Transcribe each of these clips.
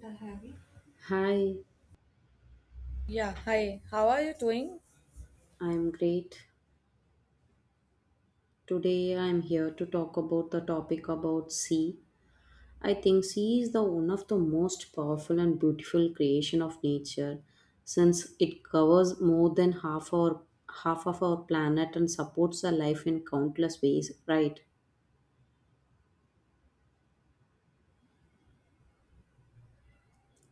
The heavy. Hi, Yeah, hi. How are you doing? I'm great. Today I'm here to talk about the topic about sea. I think sea is the one of the most powerful and beautiful creation of nature since it covers more than half of our planet and supports the life in countless ways, right?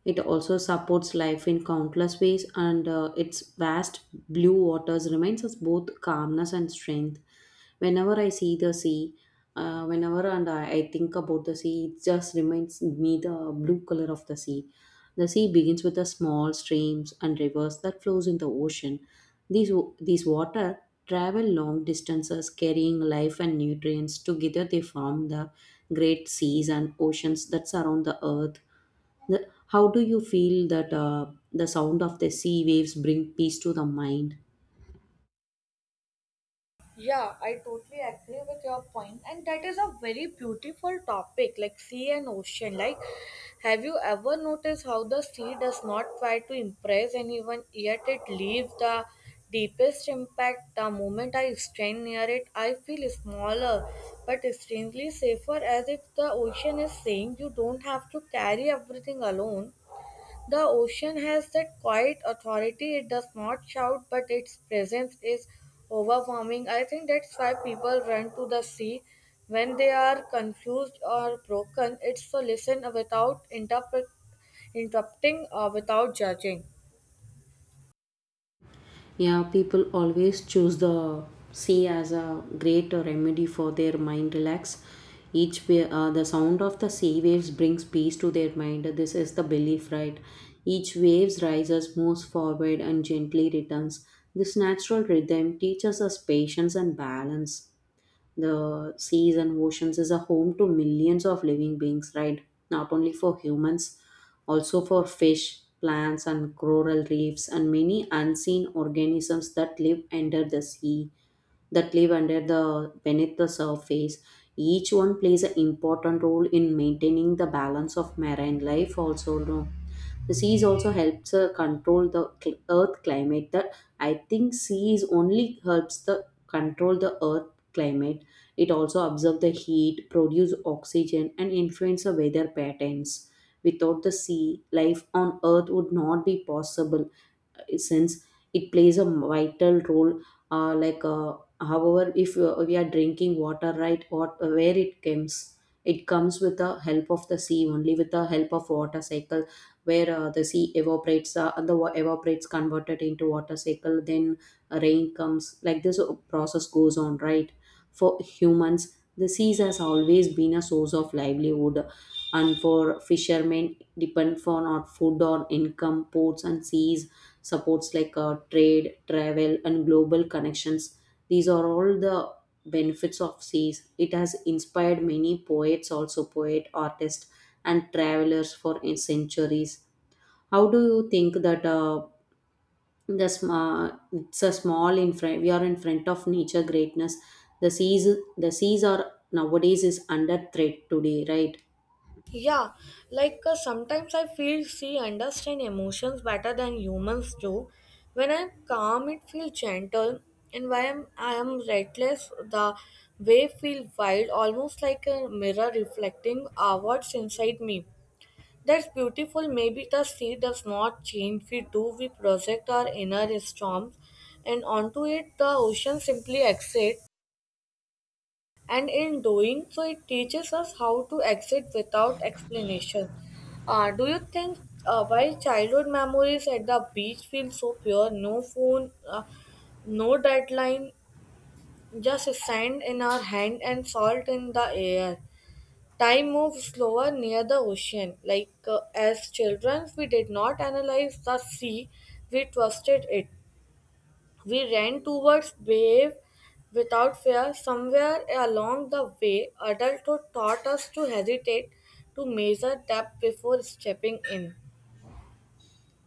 It also supports life in countless ways, and its vast blue waters reminds us both calmness and strength. Whenever I see the sea, I think about the sea, it just reminds me the blue color of the sea. The sea begins with the small streams and rivers that flows in the ocean these, these water travel long distances carrying life and nutrients. Together they form the great seas and oceans that surround the earth. How do you feel that the sound of the sea waves bring peace to the mind? Yeah, I totally agree with your point, and that is a very beautiful topic like sea and ocean. Like, have you ever noticed how the sea does not try to impress anyone, yet it leaves the deepest impact? The moment I stand near it, I feel smaller but strangely safer, as if the ocean is saying you don't have to carry everything alone. The ocean has that quiet authority. It does not shout, but its presence is overwhelming. I think that's why people run to the sea when they are confused or broken. It's to listen without interrupting or without judging. Yeah, people always choose the sea as a great remedy for their mind relax. The sound of the sea waves brings peace to their mind. This is the belief, right? Each waves rises, moves forward, and gently returns. This natural rhythm teaches us patience and balance. The seas and oceans is a home to millions of living beings, right? Not only for humans, also for fish, plants, and coral reefs, and many unseen organisms that live under the sea, that live under the beneath the surface. Each one plays an important role in maintaining the balance of marine life, also. No? The seas also helps control the earth climate. That I think seas only helps the control the earth climate. It also absorb the heat, produce oxygen, and influence the weather patterns. Without the sea, life on earth would not be possible since it plays a vital role uh, like uh, however if we are drinking water, right? Or where it comes, it comes with the help of the sea only, with the help of water cycle, where the sea evaporates and evaporates converted into water cycle, then rain comes. Like this process goes on, right? For humans the seas has always been a source of livelihood, and for fishermen depend for not food or income. Ports and seas supports like trade, travel, and global connections. These are all the benefits of seas. It has inspired many poets, also poet, artists, and travelers for centuries. How do you think that it's a small in front? We are in front of nature greatness. The seas are nowadays is under threat today, right? Yeah, sometimes I feel she understand emotions better than humans do. When I'm calm, it feels gentle, and when I am reckless, the wave feel wild, almost like a mirror reflecting what's inside me. That's beautiful. Maybe the sea does not change. We do. We project our inner storms, and onto it, the ocean simply exit, and in doing so it teaches us how to exit without explanation. Do you think why childhood memories at the beach feel so pure? No phone, no deadline, just sand in our hand and salt in the air. Time moves slower near the ocean. As children we did not analyze the sea, we trusted it. We ran towards Behave without fear. Somewhere along the way, adulthood taught us to hesitate, to measure depth before stepping in.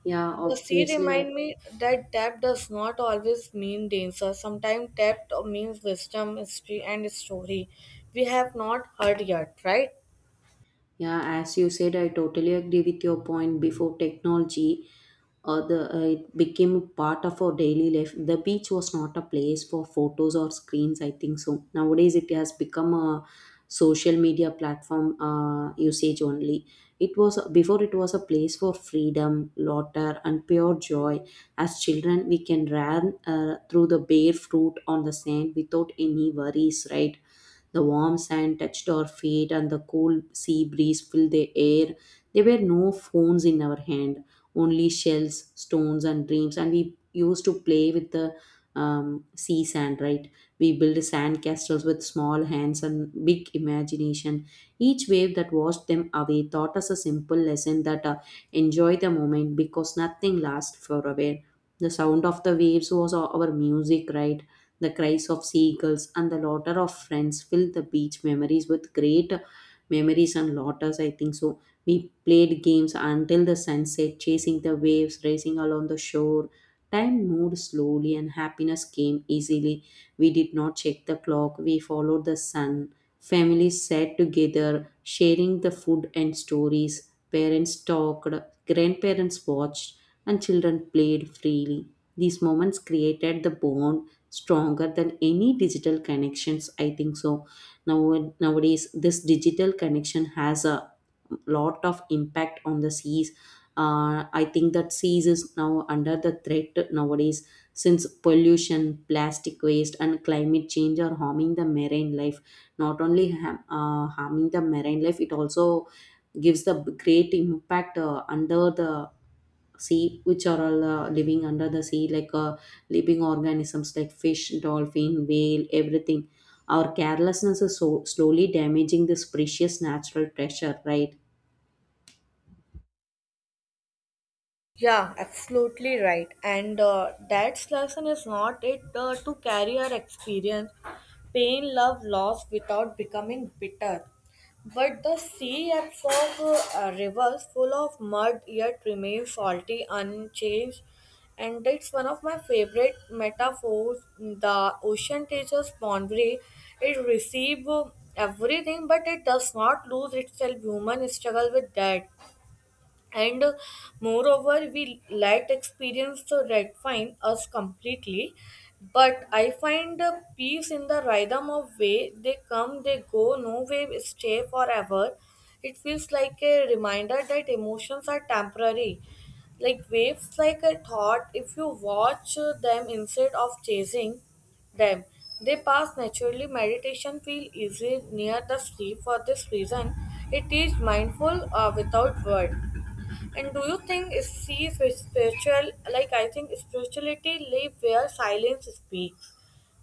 Yeah, The sea obviously. remind me that depth does not always mean danger. Sometimes depth means wisdom, history, and story we have not heard yet, right? Yeah, as you said, I totally agree with your point. Before technology, the it became a part of our daily life. The beach was not a place for photos or screens. I think so. Nowadays, it has become a social media platform usage only. It was before it was a place for freedom, laughter, and pure joy. As children, we can run through the bare fruit on the sand without any worries, right? The warm sand touched our feet, and the cool sea breeze filled the air. There were no phones in our hand, only shells, stones, and dreams. And we used to play with the sea sand, right? We built sand castles with small hands and big imagination. Each wave that washed them away taught us a simple lesson that enjoy the moment because nothing lasts forever. The sound of the waves was our music, right? The cries of seagulls and the laughter of friends fill the beach memories with great memories and laughters, I think so. We played games until the sunset, chasing the waves, racing along the shore. Time moved slowly and happiness came easily. We did not check the clock, we followed the sun. Families sat together, sharing the food and stories. Parents talked, grandparents watched, and children played freely. These moments created the bond stronger than any digital connections, I think so. Now, nowadays this digital connection has a lot of impact on the seas. I think that seas is now under the threat nowadays, since pollution, plastic waste, and climate change are harming the marine life. Not only harming the marine life, it also gives the great impact under the sea, which are all living under the sea, like living organisms like fish, dolphin, whale, everything. Our carelessness is so slowly damaging this precious natural treasure, right? Yeah, absolutely right. And That's lesson is not it, to carry our experience, pain, love, loss without becoming bitter. But the sea absorbs rivers full of mud yet remains salty, unchanged. And it's one of my favorite metaphors. The ocean teaches boundary. It receives everything, but it does not lose itself. Human struggle with that, and moreover we let experience to redefine us completely, but I find peace in the rhythm of way. They come, they go, no way stay forever. It feels like a reminder that emotions are temporary, like waves, like a thought. If you watch them instead of chasing them, they pass naturally. Meditation feel easy near the sleep for this reason. It is mindful without word. And do you think is see if spiritual, like I think spirituality live where silence speaks.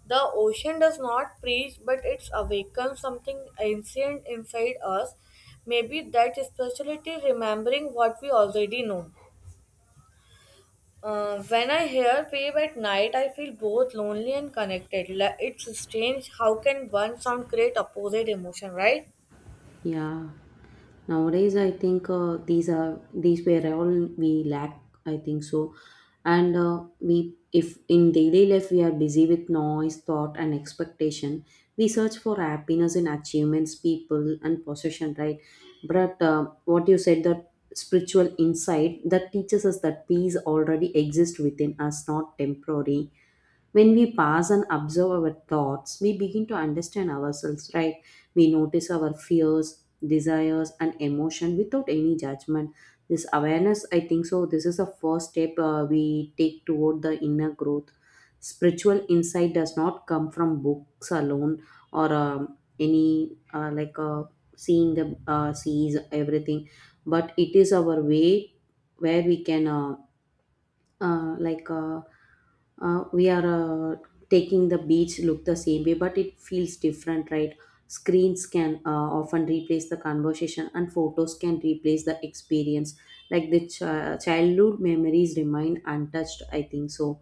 The ocean does not preach but it awakens something ancient inside us. Maybe that spirituality remembering what we already know. When I hear wave at night, I feel both lonely and connected. Like, it's strange how can one sound create opposite emotion, right? Yeah. Nowadays, I think these were all we lack. I think so, and we if in daily life we are busy with noise, thought, and expectation, we search for happiness in achievements, people, and possession. Right, but what you said that spiritual insight that teaches us that peace already exists within us, not temporary. When we pause and observe our thoughts, we begin to understand ourselves, right? We notice our fears, desires, and emotion without any judgment. This awareness, I think so, this is the first step we take toward the inner growth. Spiritual insight does not come from books alone or any like seeing the sees everything, but it is our way where we can. Like we are Taking the beach look the same way but it feels different, right? Screens can often replace the conversation and photos can replace the experience, like the childhood memories remain untouched, I think so,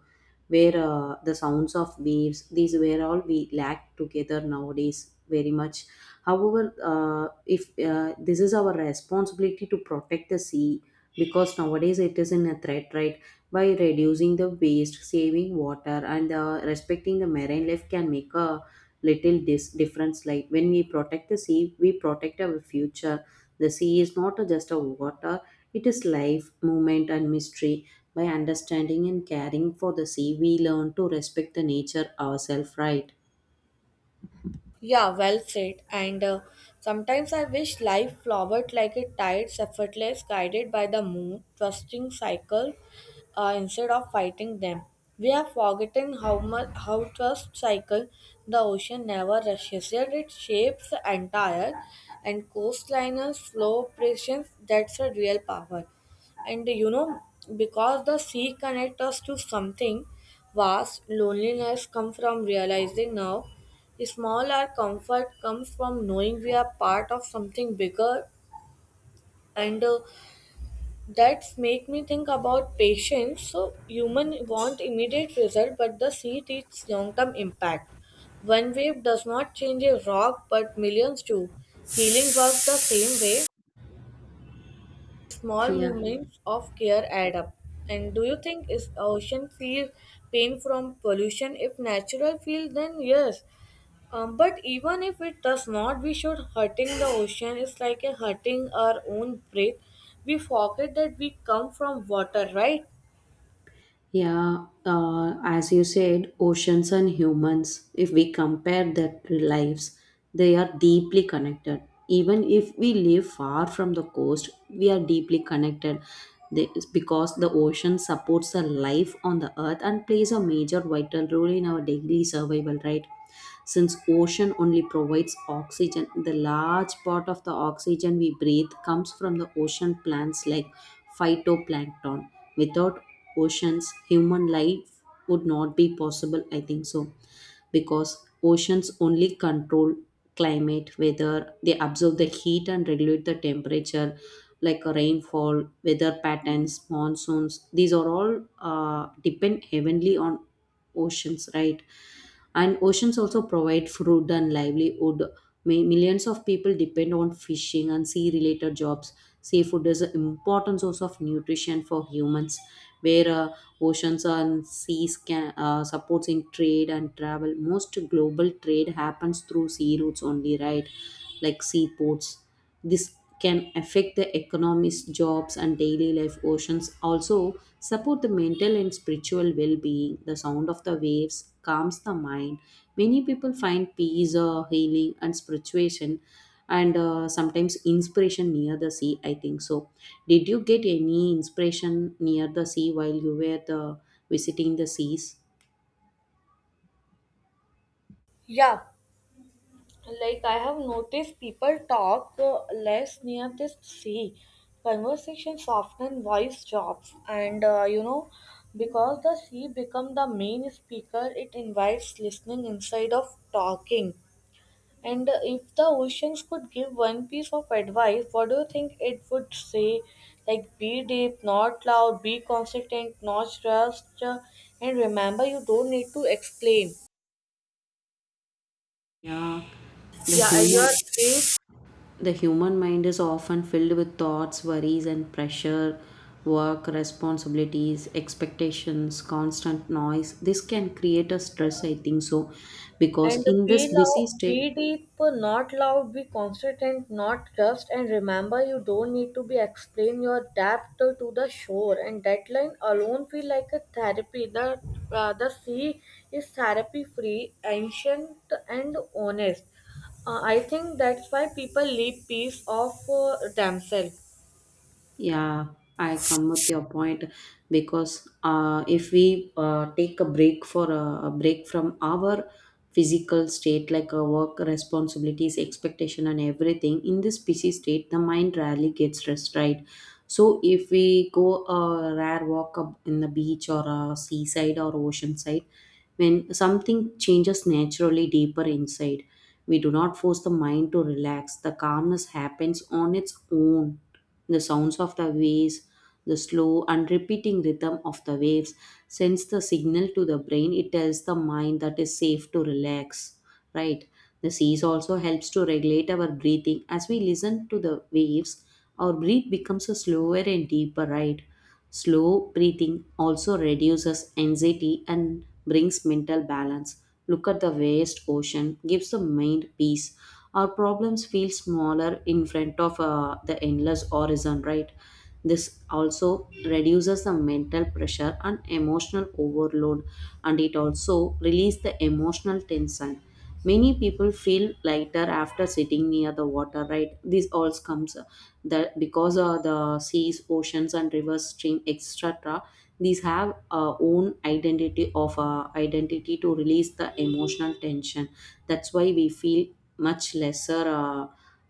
where the sounds of waves, these were all we lack together nowadays very much. However, if this is our responsibility to protect the sea because nowadays it is in a threat, right? By reducing the waste, saving water, and respecting the marine life can make a little difference. Like when we protect the sea, we protect our future. The sea is not just a water, it is life, movement, and mystery. By understanding and caring for the sea, we learn to respect the nature ourselves, right? Yeah, well said. And Sometimes I wish life flowered like a tides, effortless, guided by the moon, trusting cycle, instead of fighting them. We have forgotten how much how trust cycle. The ocean never rushes, yet it shapes the entire and coastliners slow patience. That's a real power, and you know, because the sea connects us to something vast. Loneliness comes from realizing now small our comfort comes from knowing we are part of something bigger, and that's make me think about patience. So human want immediate result, but the sea teaches long-term impact. One wave does not change a rock, but millions do. Healing works the same way. Small Yeah. movements of care add up. And do you think is ocean feel pain from pollution? If natural feel, then yes. But even if it does not, we should hurting the ocean is like a hurting our own breath. We forget that we come from water, right? Yeah, as you said, oceans and humans, if we compare their lives, they are deeply connected. Even if we live far from the coast, we are deeply connected. Because the ocean supports the life on the earth and plays a major vital role in our daily survival, right? Since ocean only provides oxygen, the large part of the oxygen we breathe comes from the ocean plants like phytoplankton. Without oceans, human life would not be possible, I think so. Because oceans only control climate, whether they absorb the heat and regulate the temperature, like a rainfall, weather patterns, monsoons, these are all depend heavily on oceans, right? And oceans also provide food and livelihood. Millions of people depend on fishing and sea related jobs. Seafood is an important source of nutrition for humans, where oceans and seas can supports in trade and travel. Most global trade happens through sea routes only, right? Like seaports, this can affect the economies, jobs, and daily life. Oceans also support the mental and spiritual well-being. The sound of the waves calms the mind. Many people find peace, healing, and spirituation, and sometimes inspiration near the sea, I think so. Did you get any inspiration near the sea while you were the visiting the seas? Yeah, like I have noticed people talk less near the sea. Conversation soften voice drops and, you know, because the sea become the main speaker. It invites listening inside of talking. And If the oceans could give one piece of advice, what do you think it would say? Like, be deep, not loud, be consistent, not rushed, and remember you don't need to explain. Yeah. the Yeah, your human space. The human mind is often filled with thoughts, worries, and pressure, work, responsibilities, expectations, constant noise. This can create a stress, I think so, because And in be this busy loud, be state, deep, not loud, be constant, not just. And remember, you don't need to be explain your depth to the shore. And deadline alone feel like a therapy. The sea is therapy free, ancient and honest. I think that's why people leave piece of themselves. yeah, I come with your point. Because if we take a break, for a break from our physical state, like our work responsibilities, expectation, and everything, in this busy state, the mind rarely gets rest, right? So if we go a rare walk up in the beach or a seaside or ocean side, when something changes naturally deeper inside, we do not force the mind to relax. The calmness happens on its own. The sounds of the waves, the slow and repeating rhythm of the waves sends the signal to the brain. It tells the mind that is safe to relax, right? The seas also helps to regulate our breathing. As we listen to the waves, our breath becomes a slower and deeper, right? Slow breathing also reduces anxiety and brings mental balance. Look at the vast ocean, gives the mind peace, our problems feel smaller in front of the endless horizon, right? This also reduces the mental pressure and emotional overload, and it also releases the emotional tension. Many people feel lighter after sitting near the water, right? This all comes that because the seas, oceans and rivers stream etc, these have own identity of identity to release the emotional tension. That's why we feel much lesser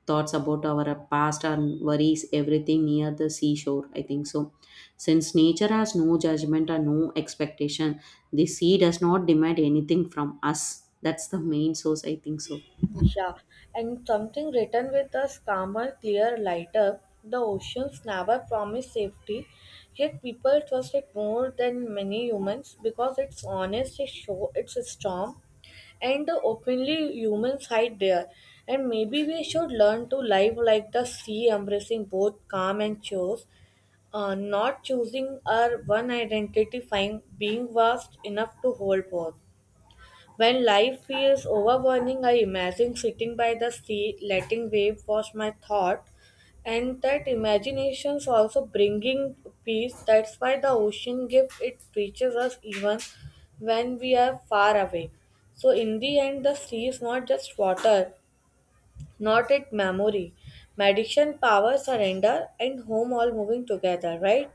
thoughts about our past and worries everything near the seashore, I think so. Since nature has no judgment and no expectation, the sea does not demand anything from us. That's the main source, I think so. Yeah, and something written with a calmer, clear, lighter. The oceans never promise safety, yet people trust it more than many humans because it's honest, it show it's a storm, and openly humans hide there. And maybe we should learn to live like the sea, embracing both calm and chores, not choosing our one identity, find being vast enough to hold both. When life feels overwhelming, I imagine sitting by the sea, letting waves wash my thought, and that imagination's also bringing peace. That's why the ocean gift it reaches us even when we are far away. So in the end, the sea is not just water, not it memory, meditation, power, surrender, and home all moving together. Right?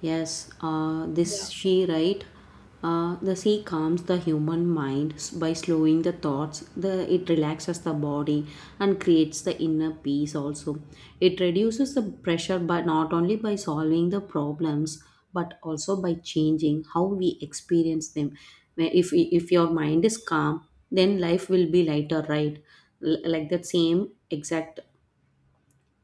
Yes, Yeah. this she right. The sea calms the human mind by slowing the thoughts. The it relaxes the body and creates the inner peace. Also, it reduces the pressure, but not only by solving the problems, but also by changing how we experience them. Where If your mind is calm, then life will be lighter, right? Like that same exact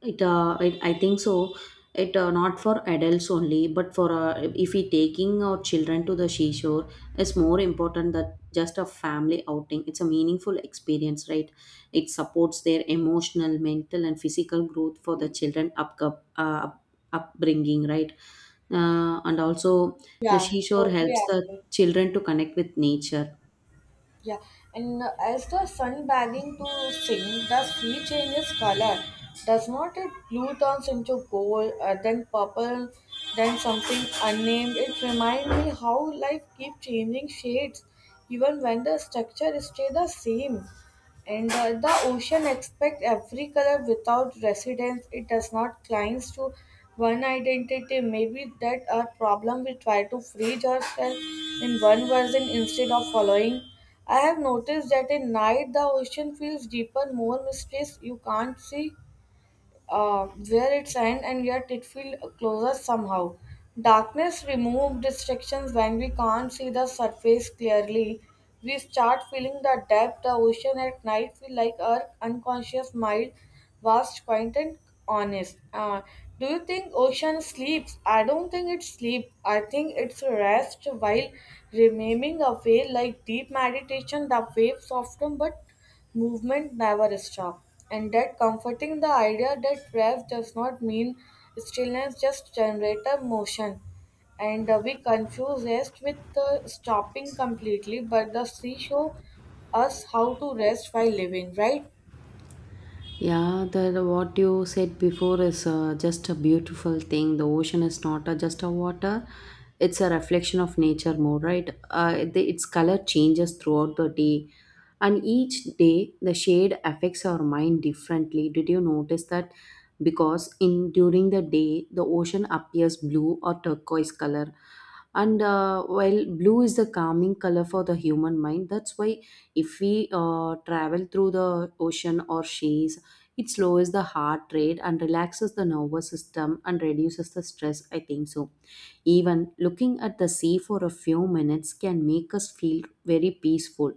it, it, I think so. It not for adults only, but for if we taking our children to the seashore, it's more important that just a family outing. It's a meaningful experience, right? It supports their emotional, mental, and physical growth for the children up, up upbringing, right? And also, the Yeah, seashore totally helps the agree. children to connect with nature. Yeah, and as the sun begging to sink, the sea changes color. Does not it blue turns into gold, then purple, then something unnamed? It reminds me how life keeps changing shades, even when the structure stays the same. And The ocean expects every color without residence. It does not cling to one identity. Maybe that our problem. We try to freeze ourselves in one version instead of following. I have noticed that at night the ocean feels deeper, more mysterious. You can't see where it's end and yet it feels closer somehow. Darkness removes distractions. When we can't see the surface clearly, we start feeling the depth. The ocean at night feel like our unconscious mind, vast, quiet and honest. Do you think ocean sleeps? I don't think it sleeps. I think it's rest while remaining awake like deep meditation. The waves soften but movement never stops, and that comforting the idea that rest does not mean stillness, just generator motion. And We confuse rest with stopping completely, but the sea show us how to rest while living, right? Yeah, that what you said before is just a beautiful thing. The ocean is not just a water; it's a reflection of nature more, right? The, its color changes throughout the day, and each day the shade affects our mind differently. Did you notice that? Because in during the day, the ocean appears blue or turquoise color, and while blue is the calming color for the human mind. That's why if we travel through the ocean or seas, it slows the heart rate and relaxes the nervous system and reduces the stress, I think so. Even looking at the sea for a few minutes can make us feel very peaceful.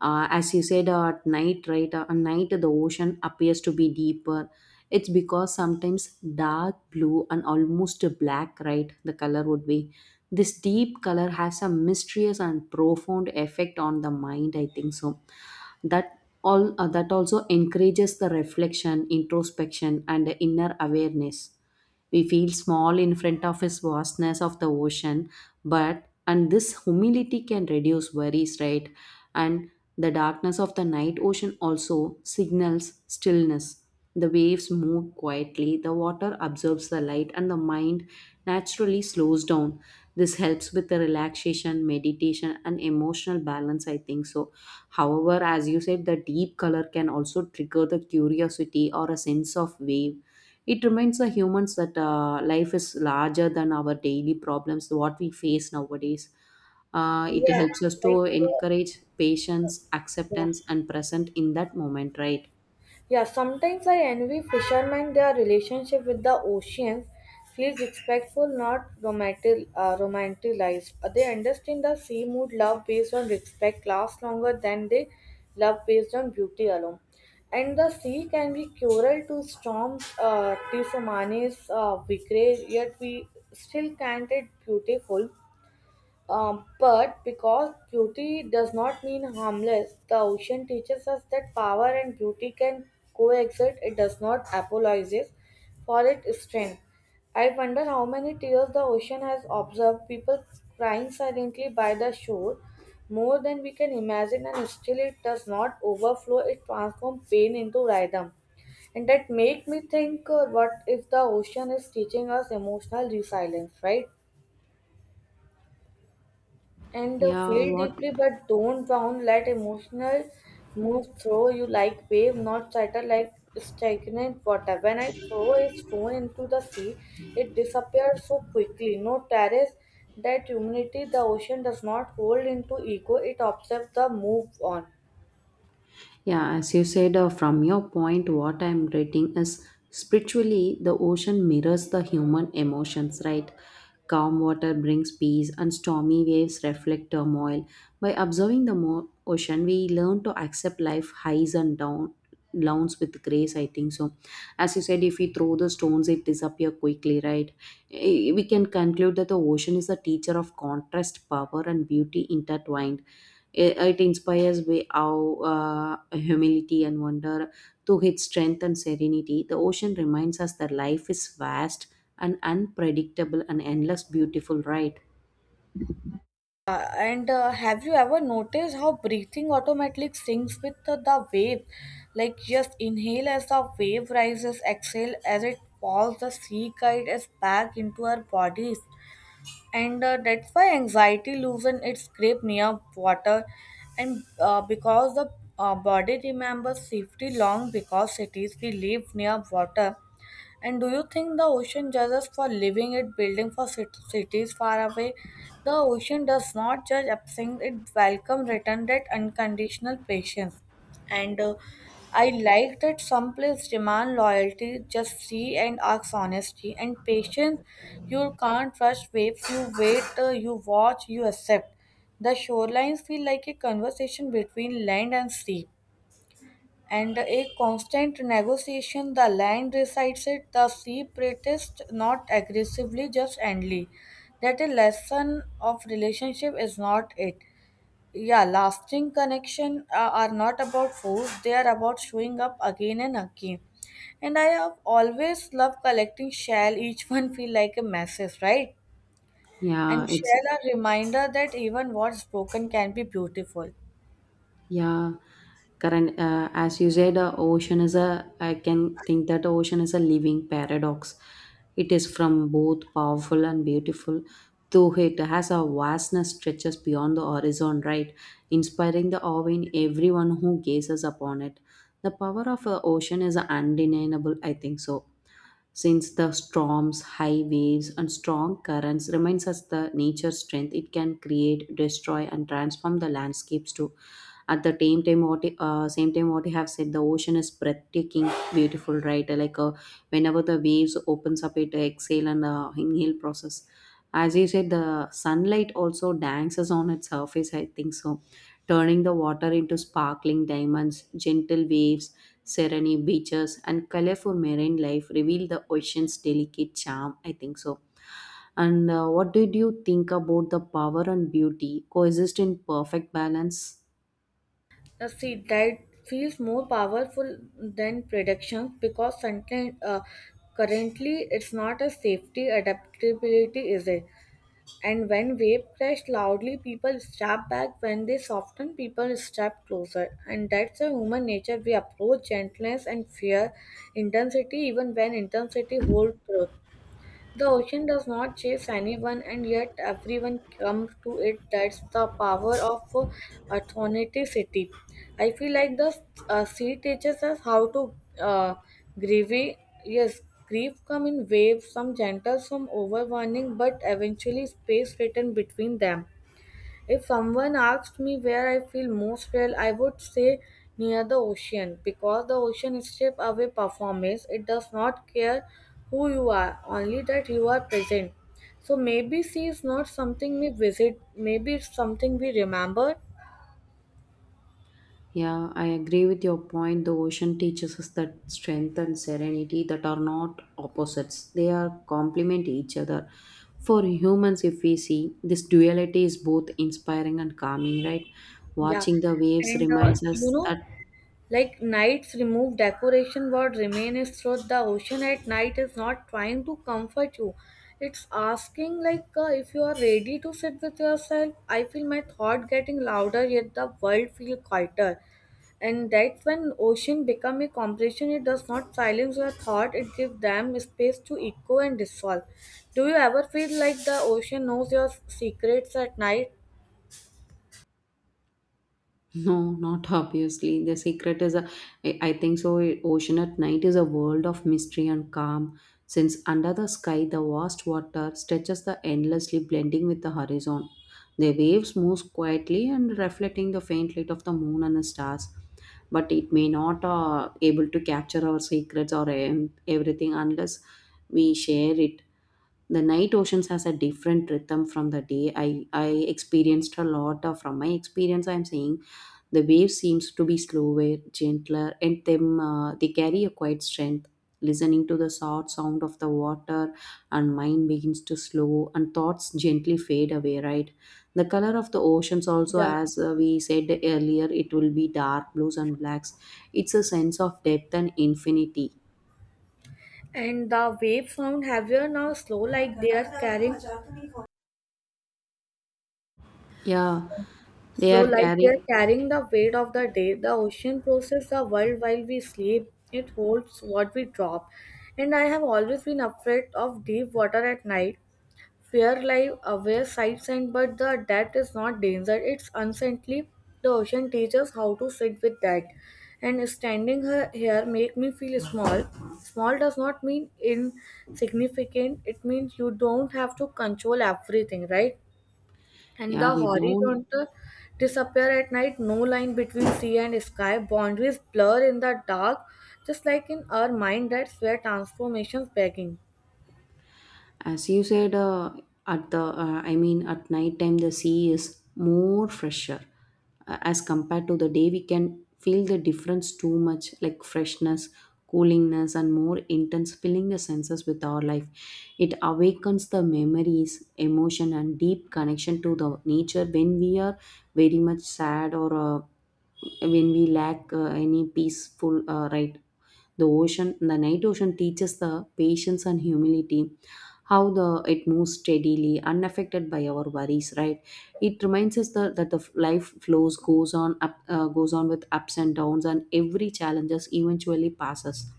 As you said, at night, right? At night the ocean appears to be deeper. It's because sometimes dark blue and almost black, right? The color would be this deep color has a mysterious and profound effect on the mind, I think so. That all that also encourages the reflection, introspection and the inner awareness. We feel small in front of his vastness of the ocean, but and this humility can reduce worries, right? And the darkness of the night ocean also signals stillness. The waves move quietly, the water absorbs the light, and the mind naturally slows down. This helps with the relaxation, meditation, and emotional balance, I think so. However, as you said, the deep color can also trigger the curiosity or a sense of wave. It reminds the humans that life is larger than our daily problems, what we face nowadays. It Yeah, helps us like, to uh, encourage patience, yeah. acceptance, and present in that moment, right? Yeah, sometimes I envy fishermen. Their relationship with the oceans feels respectful, not romantic, romanticized. They understand the sea mood. Love based on respect lasts longer than they love based on beauty alone. And the sea can be cruel to storms, to Samanis, vigre, yet we still can't it beautiful. But because beauty does not mean harmless, the ocean teaches us that power and beauty can coexist. It does not apologize for its strength. I wonder how many tears the ocean has observed, people crying silently by the shore, more than we can imagine, and still it does not overflow, it transforms pain into rhythm. And that make me think, what if the ocean is teaching us emotional resilience, right? and Yeah, feel what? deeply but don't drown, let emotional move through you like wave, not settle like stagnant water. When I throw a stone into the sea it disappears so quickly, no terrace. That humanity, the ocean does not hold into ego, it observes the move on. Yeah, as you said, from your point, what I'm reading is spiritually the ocean mirrors the human emotions, right? Calm water brings peace, and stormy waves reflect turmoil. By observing the ocean, we learn to accept life highs and down, downs with grace. I think so. As you said, if we throw the stones, it disappear quickly, right? Eh, we can conclude that the ocean is a teacher of contrast, power, and beauty intertwined. It inspires way our humility and wonder to its strength and serenity. The ocean reminds us that life is vast and unpredictable and endless beautiful, right? And Have you ever noticed how breathing automatically syncs with the wave? Like just inhale as the wave rises, exhale as it falls, the sea guide us back into our bodies. And That's why anxiety loosens its grip near water, and because the body remembers safety long because cities we live near water. And do you think the ocean judges for leaving it, building for cities far away? The ocean does not judge absence; it welcomes return, that unconditional patience. And I like that some places demand loyalty, just see and ask honesty and patience. You can't rush waves. You wait. You watch. You accept. The shorelines feel like a conversation between land and sea, and a constant negotiation. The land resides it, the sea protests not aggressively, just endly. That a lesson of relationship is not it. Yeah, lasting connection are not about force; they are about showing up again and again. And I have always loved collecting shell. Each one feel like a message, right? Yeah, And it's. shell are reminder that even what's broken can be beautiful. Yeah, current as you said, ocean is a. I can think that ocean is a living paradox. It is from both powerful and beautiful, though it has a vastness stretches beyond the horizon, right? Inspiring the awe in everyone who gazes upon it. The power of a ocean is undeniable, I think so. Since the storms, high waves, and strong currents reminds us the nature's strength, it can create, destroy, and transform the landscapes too. At the same time, what same time what you have said, the ocean is breathtaking beautiful, right? Like whenever the waves opens up it exhale and inhale process. As you said, the sunlight also dances on its surface, I think so. Turning the water into sparkling diamonds, gentle waves, serene beaches and colorful marine life reveal the ocean's delicate charm, I think so. And what did you think about the power and beauty coexist in perfect balance? See, that feels more powerful than predictions because sentient, currently it's not a safety adaptability, is it? And when wave crashed loudly, people step back. When they soften, people step closer. And that's a human nature. We approach gentleness and fear, intensity, even when intensity holds truth. The ocean does not chase anyone, and yet everyone comes to it. That's the power of authenticity. I feel like the sea teaches us how to uh, grieve. Yes, grief come in waves, some gentle, some overwhelming, but eventually space written between them. If someone asked me where I feel most real, I would say near the ocean because the ocean strips away performance. It does not care who you are, only that you are present. So maybe sea is not something we visit, maybe it's something we remember. Yeah, I agree with your point. The ocean teaches us that strength and serenity that are not opposites. They are complement each other. For humans, if we see, this duality is both inspiring and calming, right? Yeah. Watching the waves And reminds You us know, that. like knights remove decoration, what remain is truth. The ocean at night is not trying to comfort you. It's asking, if you are ready to sit with yourself. I feel my thought getting louder, yet the world feel quieter. And that's when ocean become a compression. It does not silence your thought. It gives them space to echo and dissolve. Do you ever feel like the ocean knows your secrets at night? No, not obviously. The secret is a, I think so. Ocean at night is a world of mystery and calm, since under the sky, the vast water stretches the endlessly blending with the horizon. The waves move quietly and reflecting the faint light of the moon and the stars. But it may not able to capture our secrets or everything unless we share it. The night oceans has a different rhythm from the day. I experienced a lot of, from my experience. I am saying the wave seems to be slower, gentler, and them they carry a quiet strength. Listening to the soft sound of the water, and mind begins to slow, and thoughts gently fade away. Right, the color of the oceans also, Yeah. as we said earlier, it will be dark blues and blacks. It's a sense of depth and infinity. And the waves sound heavier now, slow, like they are carrying. Yeah, they So, are like they are carrying. carrying the weight of the day, the ocean processes the world while we sleep. It holds what we drop. And I have always been afraid of deep water at night. Fear lies away sights and but the depth is not danger. It's uncertainty. The ocean teaches how to sit with that. And standing here make me feel small. Small does not mean insignificant. It means you don't have to control everything, right? And Yeah, the we don't. horizontal disappear at night, no line between sea and sky, boundaries blur in the dark, just like in our mind. That's where transformations begin. As you said, at the I mean, at night time the sea is more fresher as compared to the day. We can feel the difference too much, like freshness, coolingness and more intense filling the senses with our life. It awakens the memories, emotion and deep connection to the nature when we are very much sad or when we lack any peaceful right? The ocean, the night ocean teaches the patience and humility, how the it moves steadily, unaffected by our worries, right? It reminds us the, that the life flows goes on up, goes on with ups and downs, and every challenges eventually passes.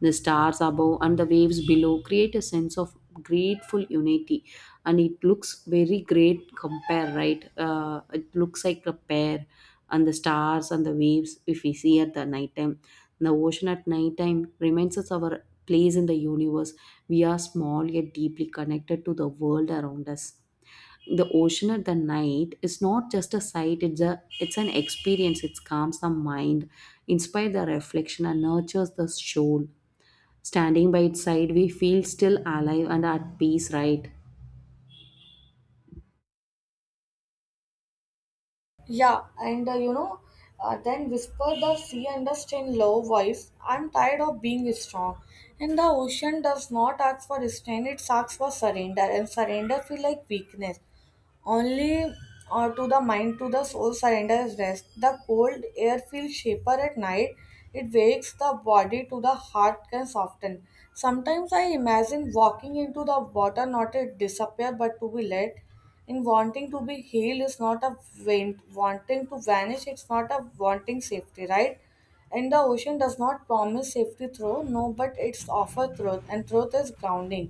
The stars above and the waves below create a sense of grateful unity, and it looks very great. Compare right, it looks like a pair, and the stars and the waves if we see at the night time. The ocean at night time reminds us our place in the universe. We are small yet deeply connected to the world around us. The ocean at the night is not just a sight, it's an experience. It calms the mind, inspires the reflection and nurtures the soul. Standing by its side, we feel still alive and at peace, right? Yeah, and you know, then whisper the sea unders in low voice, I'm tired of being strong. And the ocean does not ask for strength, it asks for surrender, and surrender feel like weakness only to the mind. To the soul surrenders rest. The cold air feels shaper at night, it wakes the body to the heart can soften. Sometimes I imagine walking into the water, not to disappear but to be let in. Wanting to be healed is not a wanting to vanish, it's not a wanting safety, right? And the ocean does not promise safety through no, but it's offer truth, and truth is grounding.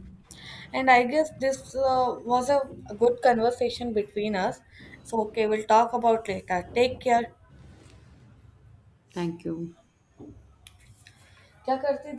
And I guess this was a good conversation between us. So, okay, we'll talk about later. Take care. Thank you. क्या करती